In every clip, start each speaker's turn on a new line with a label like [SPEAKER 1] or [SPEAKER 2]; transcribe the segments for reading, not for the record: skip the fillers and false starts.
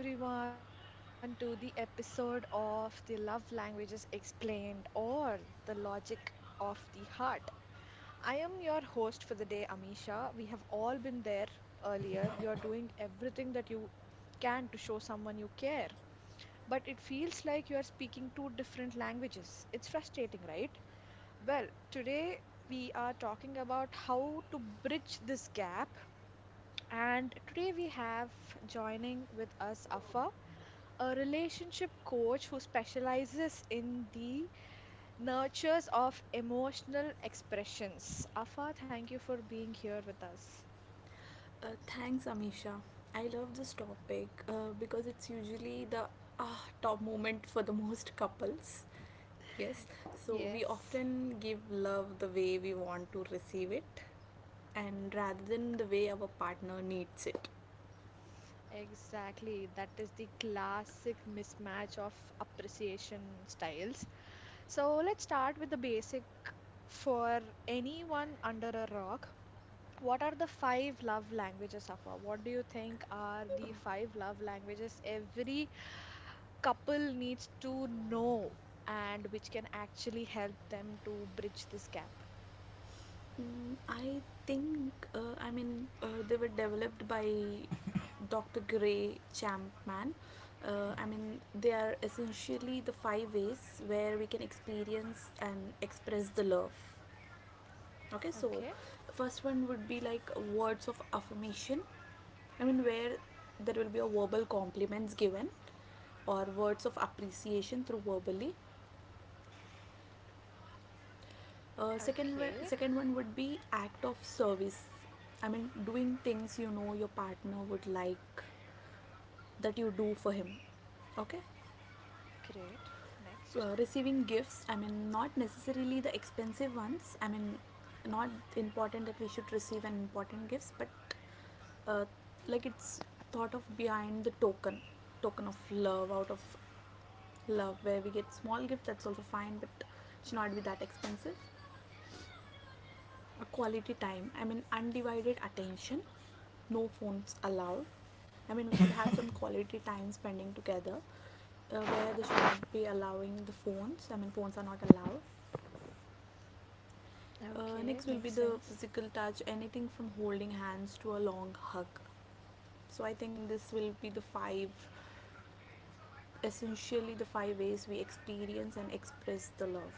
[SPEAKER 1] Welcome back, everyone, to the episode of the Love Languages Explained or the Logic of the Heart. I am your host for the day, Amisha. We have all been there earlier. You're doing everything that you can to show someone you care, but it feels like you're speaking two different languages. It's frustrating, right? Well, today we are talking about how to bridge this gap, and today we have joining with us Afa, a relationship coach who specializes in the nurtures of emotional expressions. Afa, thank you for being here with us.
[SPEAKER 2] Thanks, Amisha. I love this topic because it's usually the top moment for the most couples. Yes, so we
[SPEAKER 1] Yes.
[SPEAKER 2] often give love the way we want to receive it and rather than the way our partner needs it.
[SPEAKER 1] Exactly, that is the classic mismatch of appreciation styles. So let's start with the basic for anyone under a rock. What are the five love languages, Afa? What do you think are
[SPEAKER 2] Uh,
[SPEAKER 1] the five love languages every couple needs to know and which can actually help them to bridge this gap?
[SPEAKER 2] I think, I mean, they were developed by Dr. Gray Champman. I mean, they are essentially the five ways where we can experience and express the love. Okay, so
[SPEAKER 1] Okay.
[SPEAKER 2] first one would be like words of affirmation. I mean, where there will be a verbal compliments given or words of appreciation through verbally. Second,
[SPEAKER 1] Okay.
[SPEAKER 2] second one would be act of service. I mean, doing things you know your partner would like that you do for him. Okay,
[SPEAKER 1] Great. Next.
[SPEAKER 2] receiving gifts. I mean, not necessarily the expensive ones. I mean, not important that we should receive an important gifts, but uh, like it's thought of behind the token of love, out of love, where we get small gift that's also fine, but it should not be that expensive. A quality time, I mean, undivided attention, no phones allowed. I mean, we should have some quality time spending together, where they should not be allowing the phones. I mean, phones are not allowed. Next
[SPEAKER 1] Okay.
[SPEAKER 2] will be
[SPEAKER 1] Makes
[SPEAKER 2] the
[SPEAKER 1] sense.
[SPEAKER 2] physical touch, anything from holding hands to a long hug. So I think this will be the five, essentially the five ways we experience and express the love.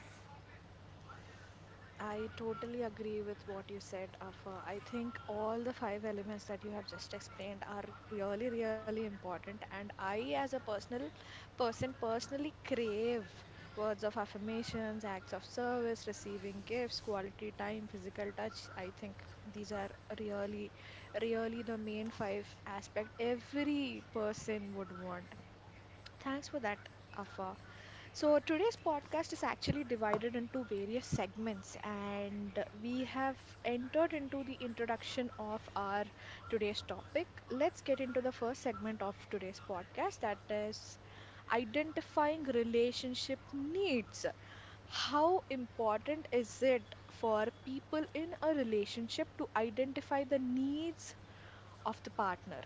[SPEAKER 1] I totally agree with what you said, Afa. I think all the five elements that you have just explained are really, really important. And I, as a personal person, personally crave words of affirmations, acts of service, receiving gifts, quality time, physical touch. I think these are really, really the main five aspect every person would want. Thanks for that, Afa. So, today's podcast is actually divided into various segments, and we have entered into the introduction of our today's topic. Let's get into the first segment of today's podcast, that is identifying relationship needs. How important is it for people in a relationship to identify the needs of the partner?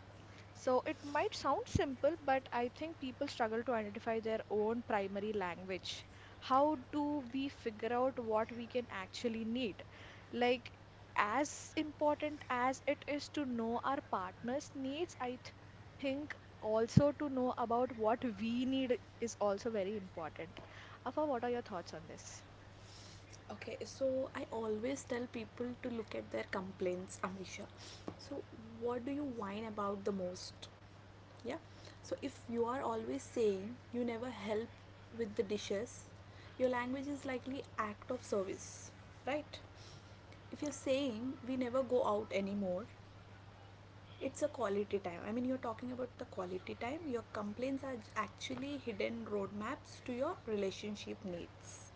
[SPEAKER 1] So it might sound simple, but I think people struggle to identify their own primary language. How do we figure out what we can actually need? Like, as important as it is to know our partner's needs, I think also to know about what we need is also very important. Afa, what are your thoughts on this?
[SPEAKER 2] Okay, so I always tell people to look at their complaints, Amisha. So, what do you whine about the most? Yeah, so if you are always saying you never help with the dishes, your language is likely act of service, right? If you're saying we never go out anymore, it's a quality time. I mean, you're talking about the quality time. Your complaints are actually hidden roadmaps to your relationship needs.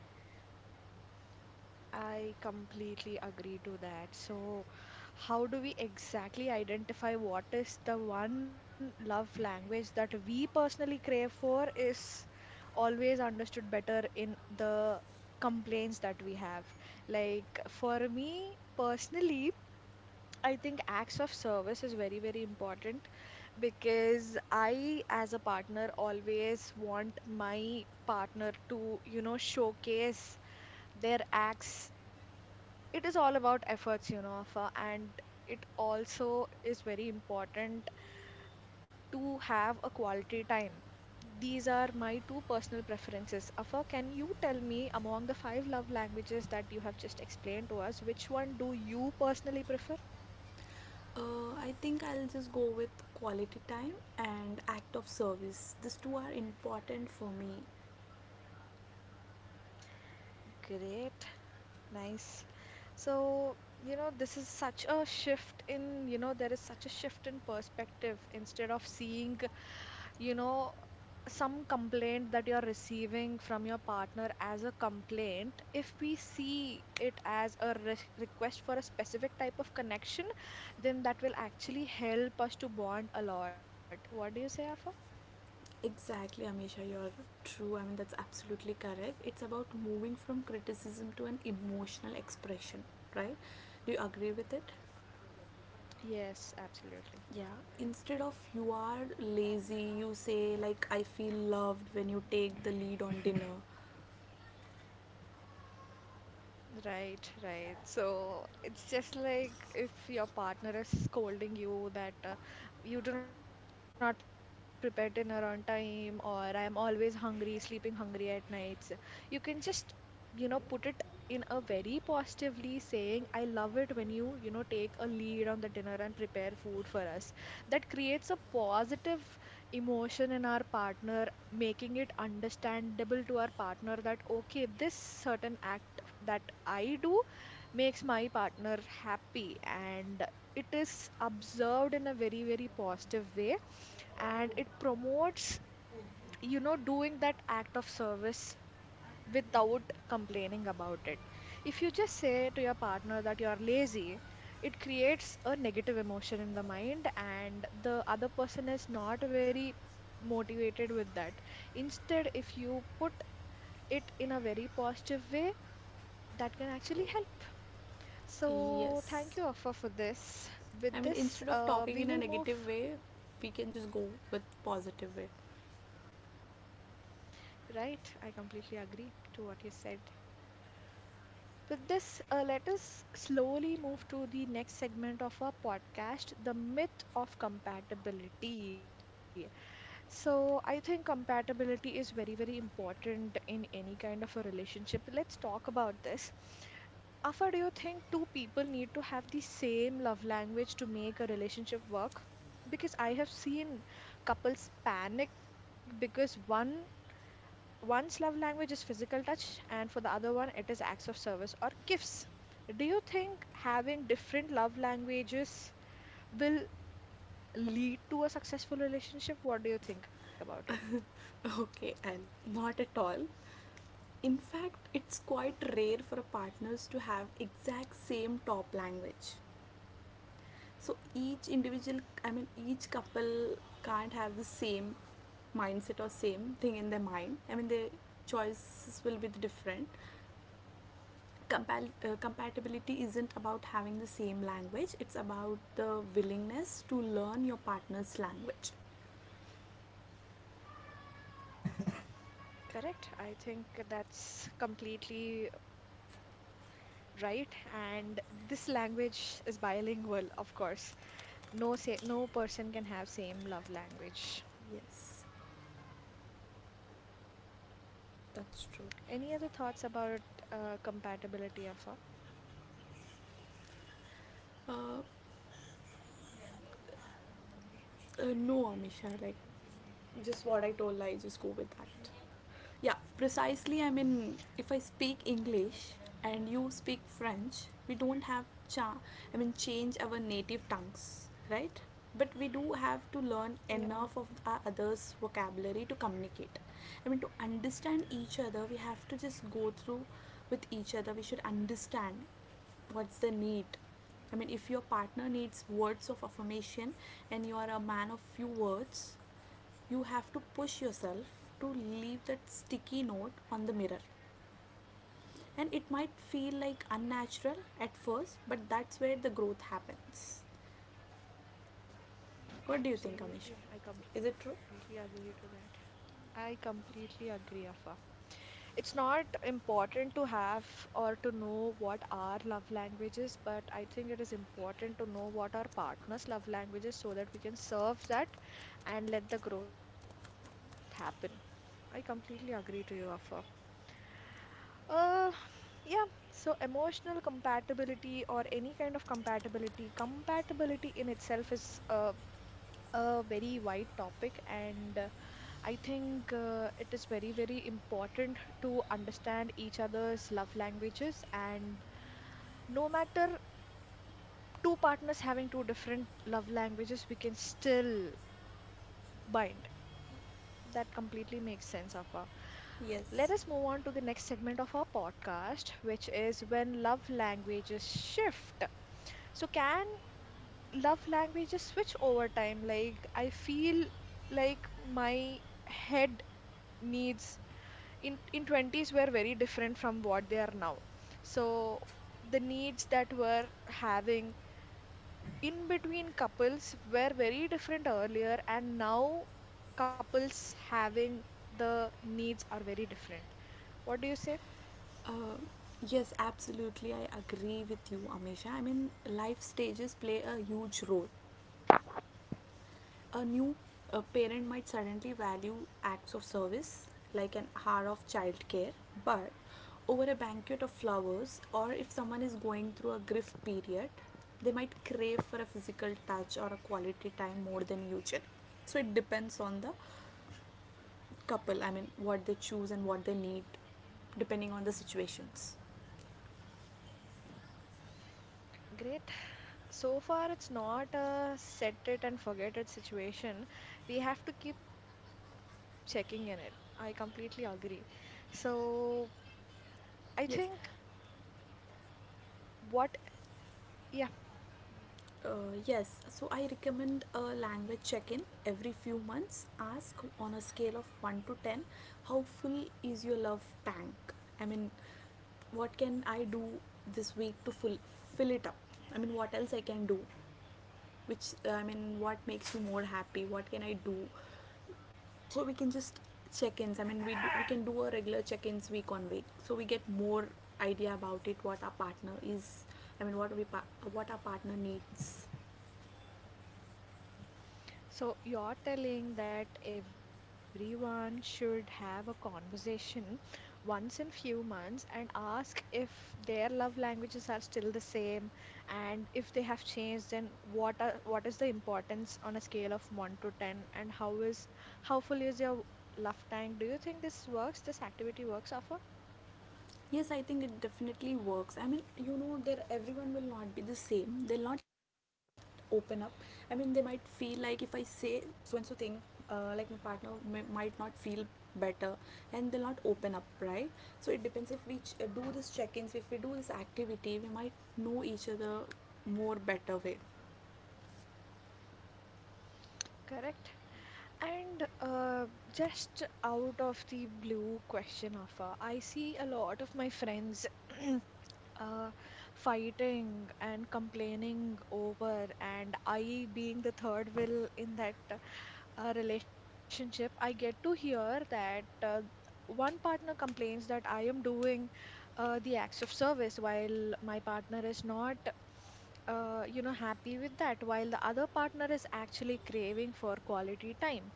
[SPEAKER 1] I completely agree to that. So, how do we exactly identify what is the one love language that we personally crave for is always understood better in the complaints that we have. Like, for me personally, I think acts of service is very, very important because I, as a partner, always want my partner to, you know, showcase their acts. It is all about efforts, you know, Afa, and it also is very important to have a quality time. These are my two personal preferences. Afa, can you tell me among the five love languages that you have just explained to us, which one do you personally prefer?
[SPEAKER 2] I think I'll just go with quality time and act of service. These two are important for me.
[SPEAKER 1] Great, nice. So, you know, this is such a shift in, you know, there is such a shift in perspective. Instead of seeing, you know, some complaint that you're receiving from your partner as a complaint, if we see it as a re request for a specific type of connection, then that will actually help us to bond a lot. What do you say, Afa?
[SPEAKER 2] Exactly, Amisha, you're true. I mean, that's absolutely correct. It's about moving from criticism to an emotional expression, right? Do you agree with it?
[SPEAKER 1] Yes, absolutely.
[SPEAKER 2] Yeah. Instead of you are lazy, you say, like, I feel loved when you take the lead on dinner.
[SPEAKER 1] Right, right. So it's just like if your partner is scolding you that you do not prepare dinner on time, or I am always hungry, sleeping hungry at nights. You can just, you know, put it in a very positively saying, I love it when you know, take a lead on the dinner and prepare food for us. That creates a positive emotion in our partner, making it understandable to our partner that, okay, this certain act that I do makes my partner happy and it is observed in a very, very positive way and it promotes, you know, doing that act of service without complaining about it. If you just say to your partner that you are lazy, it creates a negative emotion in the mind and the other person is not very motivated with that. Instead, if you put it in a very positive way, that can actually help. So, thank
[SPEAKER 2] Yes,
[SPEAKER 1] you, Afa, for this.
[SPEAKER 2] I
[SPEAKER 1] With
[SPEAKER 2] mean,
[SPEAKER 1] this,
[SPEAKER 2] instead of talking
[SPEAKER 1] we
[SPEAKER 2] in a
[SPEAKER 1] will
[SPEAKER 2] negative
[SPEAKER 1] move,
[SPEAKER 2] way, we can just go with positive way.
[SPEAKER 1] right? I completely agree to what you said. With this, let us slowly move to the next segment of our podcast, the myth of compatibility. So I think compatibility is very, very important in any kind of a relationship. Let's talk about this. Afa, do you think two people need to have the same love language to make a relationship work? Because I have seen couples panic because one's love language is physical touch and for the other one it is acts of service or gifts. Do you think having different love languages will lead to a successful relationship? What do you think about it?
[SPEAKER 2] Okay, and not at all. In fact, it's quite rare for partners to have exact same top language. So each individual, I mean each couple, can't have the same mindset or same thing in their mind. I mean, their choices will be different. Compatibility isn't about having the same language, it's about the willingness to learn your partner's language.
[SPEAKER 1] Correct. I think that's completely right. And this language is bilingual, of course. No say, no person can have same love language.
[SPEAKER 2] Yes, that's true.
[SPEAKER 1] Any other thoughts about compatibility, Afa?
[SPEAKER 2] Uh, no, Amisha, like just what I told, I just go with that. Yeah, precisely. I mean, if I speak English and you speak French, we don't have cha. I mean, change our native tongues, right? But we do have to learn enough of
[SPEAKER 1] Yeah,
[SPEAKER 2] our others' vocabulary to communicate. I mean, to understand each other, we have to just go through with each other. We should understand what's the need. I mean, if your partner needs words of affirmation and you are a man of few words, you have to push yourself to leave that sticky note on the mirror. And it might feel like unnatural at first, but that's where the growth happens. What do you think, Amisha? Is
[SPEAKER 1] absolutely.
[SPEAKER 2] it
[SPEAKER 1] I
[SPEAKER 2] true?
[SPEAKER 1] completely agree to that. I completely agree, Afa. It's not important to have or to know what our love language is, but I think it is important to know what our partner's love language is so that we can serve that and let the growth happen. I completely agree to you, Afa. Uh, yeah, so emotional compatibility or any kind of compatibility, compatibility in itself is a very wide topic, and I think it is very, very important to understand each other's love languages. And no matter two partners having two different love languages, we can still bind. That completely makes sense, Afa. Let us move
[SPEAKER 2] Yes.
[SPEAKER 1] on to the next segment of our podcast, which is when love languages shift. So, can love languages switch over time? Like, I feel like my head needs in 20s were very different from what they are now. So the needs that were having in between couples were very different earlier and now couples having the needs are very different. What do you say?
[SPEAKER 2] Uh, yes, absolutely. I agree with you, Amisha. I mean, life stages play a huge role. A new parent might suddenly value acts of service like an hour of childcare, but over a banquet of flowers, or if someone is going through a grief period, they might crave for a physical touch or a quality time more than usual. So it depends on the couple, I mean, what they choose and what they need, depending on the situations.
[SPEAKER 1] Great. So far it's not a set it and forget it situation. We have to keep checking in it. I completely agree. So, I think,
[SPEAKER 2] Yes,
[SPEAKER 1] what, yeah.
[SPEAKER 2] Yes, so I recommend a language check in every few months. Ask on a scale of 1 to 10, how full is your love tank? I mean, what can I do this week to fill it up? I mean, what else I can do? I mean, what makes you more happy? What can I do? So we can just check ins. I mean, we can do a regular check ins week on week. So we get more idea about it, what our partner is. I mean, what our partner needs.
[SPEAKER 1] So you're telling that everyone should have a conversation once in few months and ask if their love languages are still the same, and if they have changed then what is the importance on a scale of 1 to 10 and how is how full is your love tank? Do you think this works, this activity works, Afa?
[SPEAKER 2] Yes, I think it definitely works. I mean, there everyone will not be the same. They'll not open up. I mean, they might feel like if I say so and so thing, like my partner might not feel better, and they'll not open up, right? So it depends if we do this check-ins, if we do this activity, we might know each other more better way.
[SPEAKER 1] Correct. And just out of the blue question, Afa, I see a lot of my friends uh, fighting and complaining over, and I being the third wheel in that relationship, I get to hear that one partner complains that I am doing the acts of service while my partner is not you know, happy with that, while the other partner is actually craving for quality time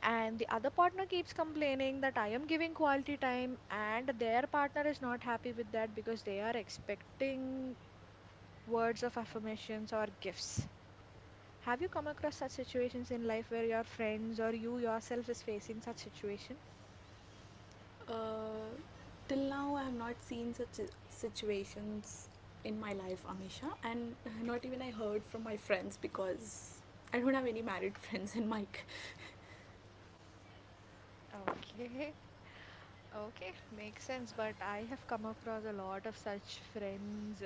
[SPEAKER 1] and the other partner keeps complaining that I am giving quality time and their partner is not happy with that because they are expecting words of affirmations or gifts. Have you come across such situations in life where your friends or you yourself is facing such situation?
[SPEAKER 2] Uh, Till now, I have not seen such situations in my life, Amisha, and not even I heard from my friends because I don't have any married friends in my.
[SPEAKER 1] Okay, okay, makes sense. But I have come across a lot of such friends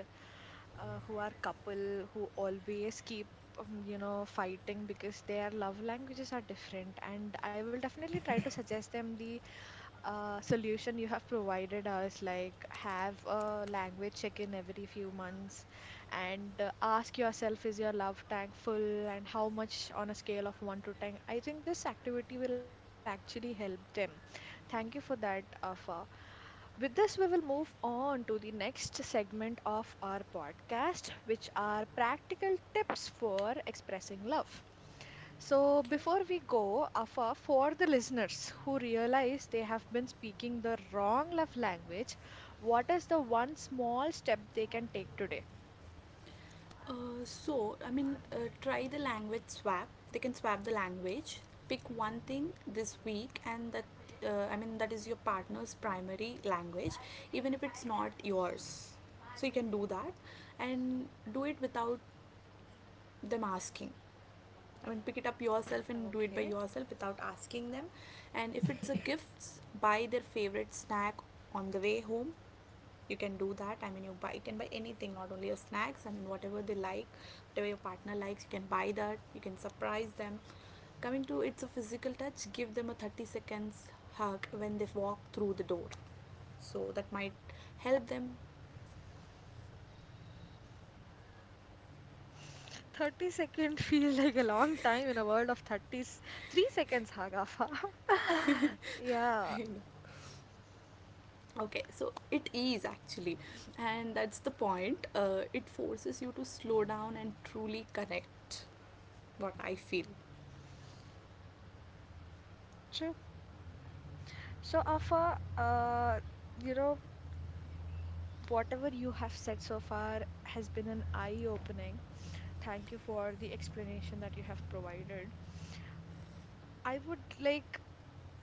[SPEAKER 1] who are couple who always keep, you know, fighting because their love languages are different. And I will definitely try to suggest them the solution you have provided us, like have a language check in every few months and ask yourself, is your love tank full and how much on a scale of 1 to 10? I think this activity will actually help them. Thank you for that, Afa. With this, we will move on to the next segment of our podcast, which are practical tips for expressing love. So,
[SPEAKER 2] Okay.
[SPEAKER 1] before we go, Afa, for the listeners who realize they have been speaking the wrong love language, what is the one small step they can take today?
[SPEAKER 2] So, I mean, try the language swap. They can swap the language. Pick one thing this week, and that I mean, that is your partner's primary language, even if it's not yours. So, you can do that and do it without them asking. I mean, pick it up yourself and do it by
[SPEAKER 1] Okay.
[SPEAKER 2] yourself without asking them. And if it's a gift, buy their favorite snack on the way home. You can do that. I mean, you can buy anything, not only your snacks. I mean, whatever they like, whatever your partner likes, you can buy that. You can surprise them. Coming to it's a physical touch. Give them a 30 seconds hug when they walk through the door. So that might help them
[SPEAKER 1] 30 seconds feels like a long time in a world of 30s. 3 seconds, Hagafa. Yeah,
[SPEAKER 2] you know, Okay, so it is actually, and that's the point. It forces you to slow down and truly connect. What I feel.
[SPEAKER 1] true. So, Afa, you know, whatever you have said so far has been an eye-opening. Thank you for the explanation that you have provided. I would like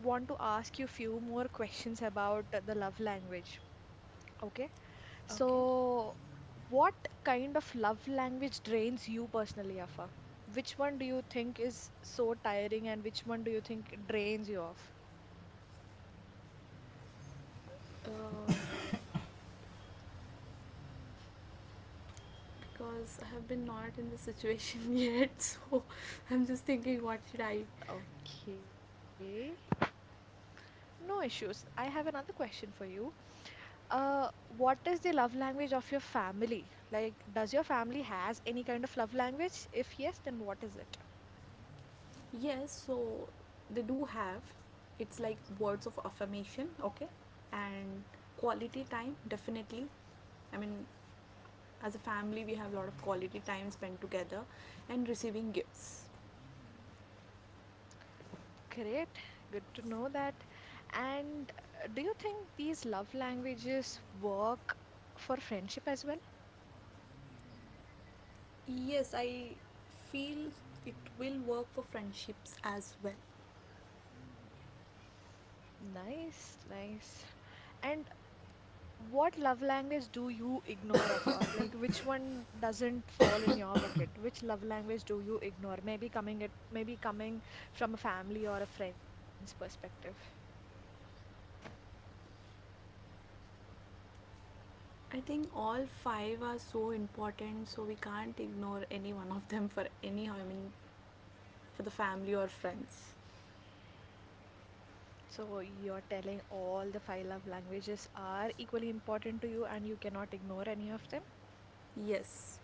[SPEAKER 1] want to ask you few more questions about the love language. Okay.
[SPEAKER 2] Okay.
[SPEAKER 1] So, what kind of love language drains you personally, Afa? Which one do you think is so tiring and which one do you think drains you off?
[SPEAKER 2] Uh, because I have been not in the situation yet, so I'm just thinking, what should I?
[SPEAKER 1] Okay. No issues. I have another question for you. What is the love language of your family? Like, does your family has any kind of love language? If yes, then what is it?
[SPEAKER 2] Yes, so they do have. It's like words of affirmation, okay, and quality time definitely. I mean, as a family, we have a lot of quality time spent together, and receiving gifts.
[SPEAKER 1] Great, good to know that. And do you think these love languages work for friendship as well?
[SPEAKER 2] Yes, I feel it will work for friendships as well.
[SPEAKER 1] Nice, nice. And what love language do you ignore, Rafa? Like, which one doesn't fall in your bucket? Which love language do you ignore? Maybe coming it, maybe coming from a family or a friend's perspective.
[SPEAKER 2] I think all five are so important, so we can't ignore any one of them for any. I mean, for the family or friends.
[SPEAKER 1] So you're telling all the five love languages are equally important to you, and you cannot ignore any of them.
[SPEAKER 2] Yes.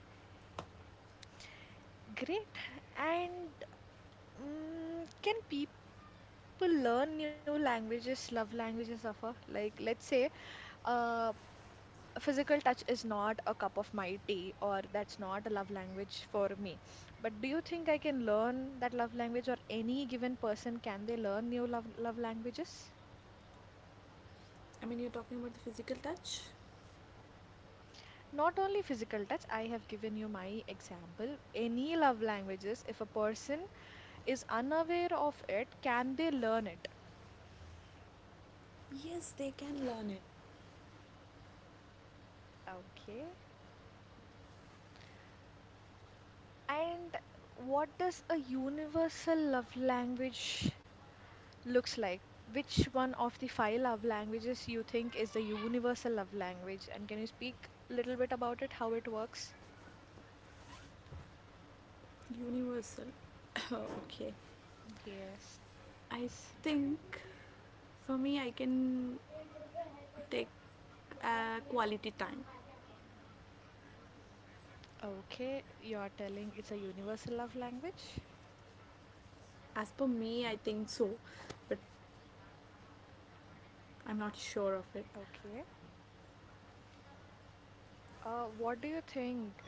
[SPEAKER 1] Great. And can people learn new languages, love languages, Safa? Like, let's say, uh, physical touch is not a cup of my tea, or that's not a love language for me. But do you think I can learn that love language, or any given person, can they learn new love languages?
[SPEAKER 2] I mean, you're talking about the physical touch?
[SPEAKER 1] Not only physical touch, I have given you my example. Any love languages, if a person is unaware of it, can they learn it?
[SPEAKER 2] Yes, they can learn it.
[SPEAKER 1] Okay. And what does a universal love language looks like? Which one of the five love languages you think is the universal love language? And can you speak a little bit about it, how it works?
[SPEAKER 2] Universal. Okay.
[SPEAKER 1] Yes.
[SPEAKER 2] I think for me, I can take quality time.
[SPEAKER 1] Okay, you're telling it's a universal love language.
[SPEAKER 2] As per me, I think so, but I'm not sure of it.
[SPEAKER 1] Okay. What do you think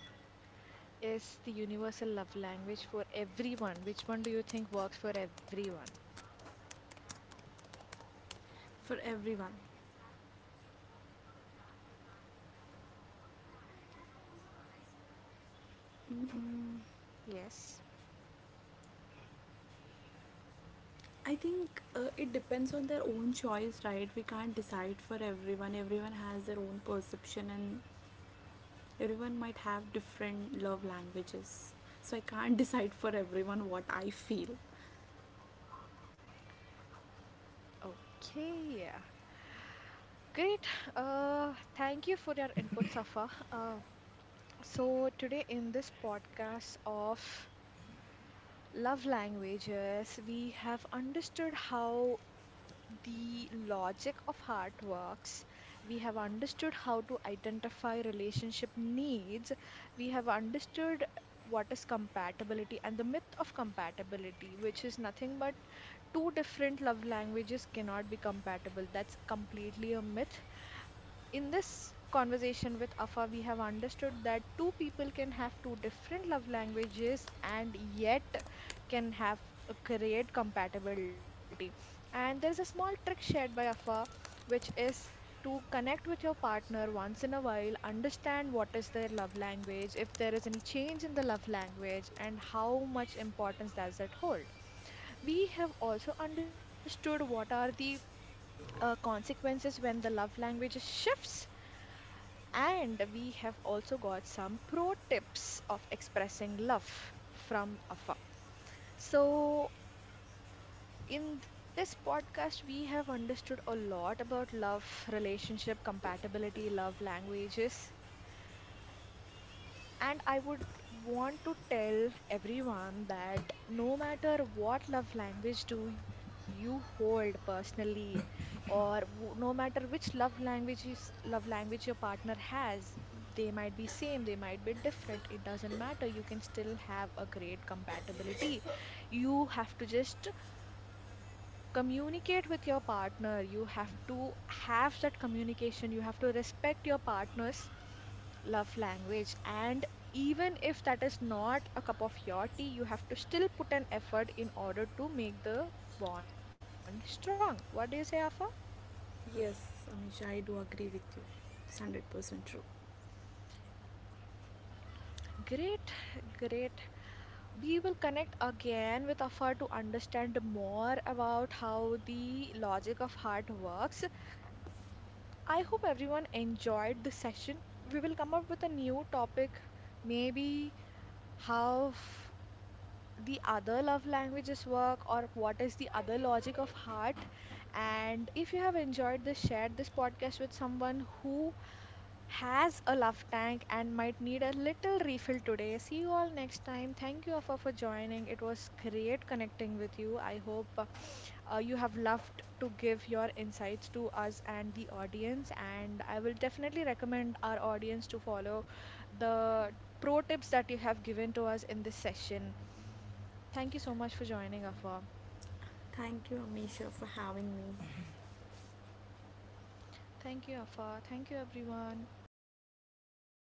[SPEAKER 1] is the universal love language for everyone? Which one do you think works for everyone?
[SPEAKER 2] For everyone. Mm-mm.
[SPEAKER 1] Yes.
[SPEAKER 2] I think it depends on their own choice, right? We can't decide for everyone. Everyone has their own perception, and everyone might have different love languages. So I can't decide for everyone what I feel.
[SPEAKER 1] Okay. Great. Thank you for your input, Safa. So today in this podcast of love languages, we have understood how the logic of heart works. We have understood how to identify relationship needs. We have understood what is compatibility and the myth of compatibility, which is nothing but two different love languages cannot be compatible. That's completely a myth. In this conversation with Afa, we have understood that two people can have two different love languages and yet can have a great compatibility. And there's a small trick shared by Afa, which is to connect with your partner once in a while, understand what is their love language, if there is any change in the love language, and how much importance does it hold. We have also understood what are the consequences when the love language shifts. And we have also got some pro tips of expressing love from afar. So, in this podcast, we have understood a lot about love, relationship, compatibility, love languages. And I would want to tell everyone that no matter what love language do you hold personally, or no matter which love language is, love language your partner has, they might be same, they might be different. It doesn't matter. You can still have a great compatibility. You have to just communicate with your partner. You have to have that communication. You have to respect your partner's love language, and even if that is not a cup of your tea, you have to still put an effort in order to make the bond strong. What do you say, Afa?
[SPEAKER 2] Yes, Amisha, I do agree with you. It's 100% true.
[SPEAKER 1] Great, great. We will connect again with Afa to understand more about how the logic of heart works. I hope everyone enjoyed the session. We will come up with a new topic, maybe how the other love languages work, or what is the other logic of heart. And if you have enjoyed this, share this podcast with someone who has a love tank and might need a little refill today. See you all next time. Thank you, Afa, for joining. It was great connecting with you. I hope you have loved to give your insights to us and the audience, and I will definitely recommend our audience to follow the pro tips that you have given to us in this session. Thank you so much for joining, Afa.
[SPEAKER 2] Thank you, Amisha, for having me.
[SPEAKER 1] Thank you, Afa. Thank you, everyone.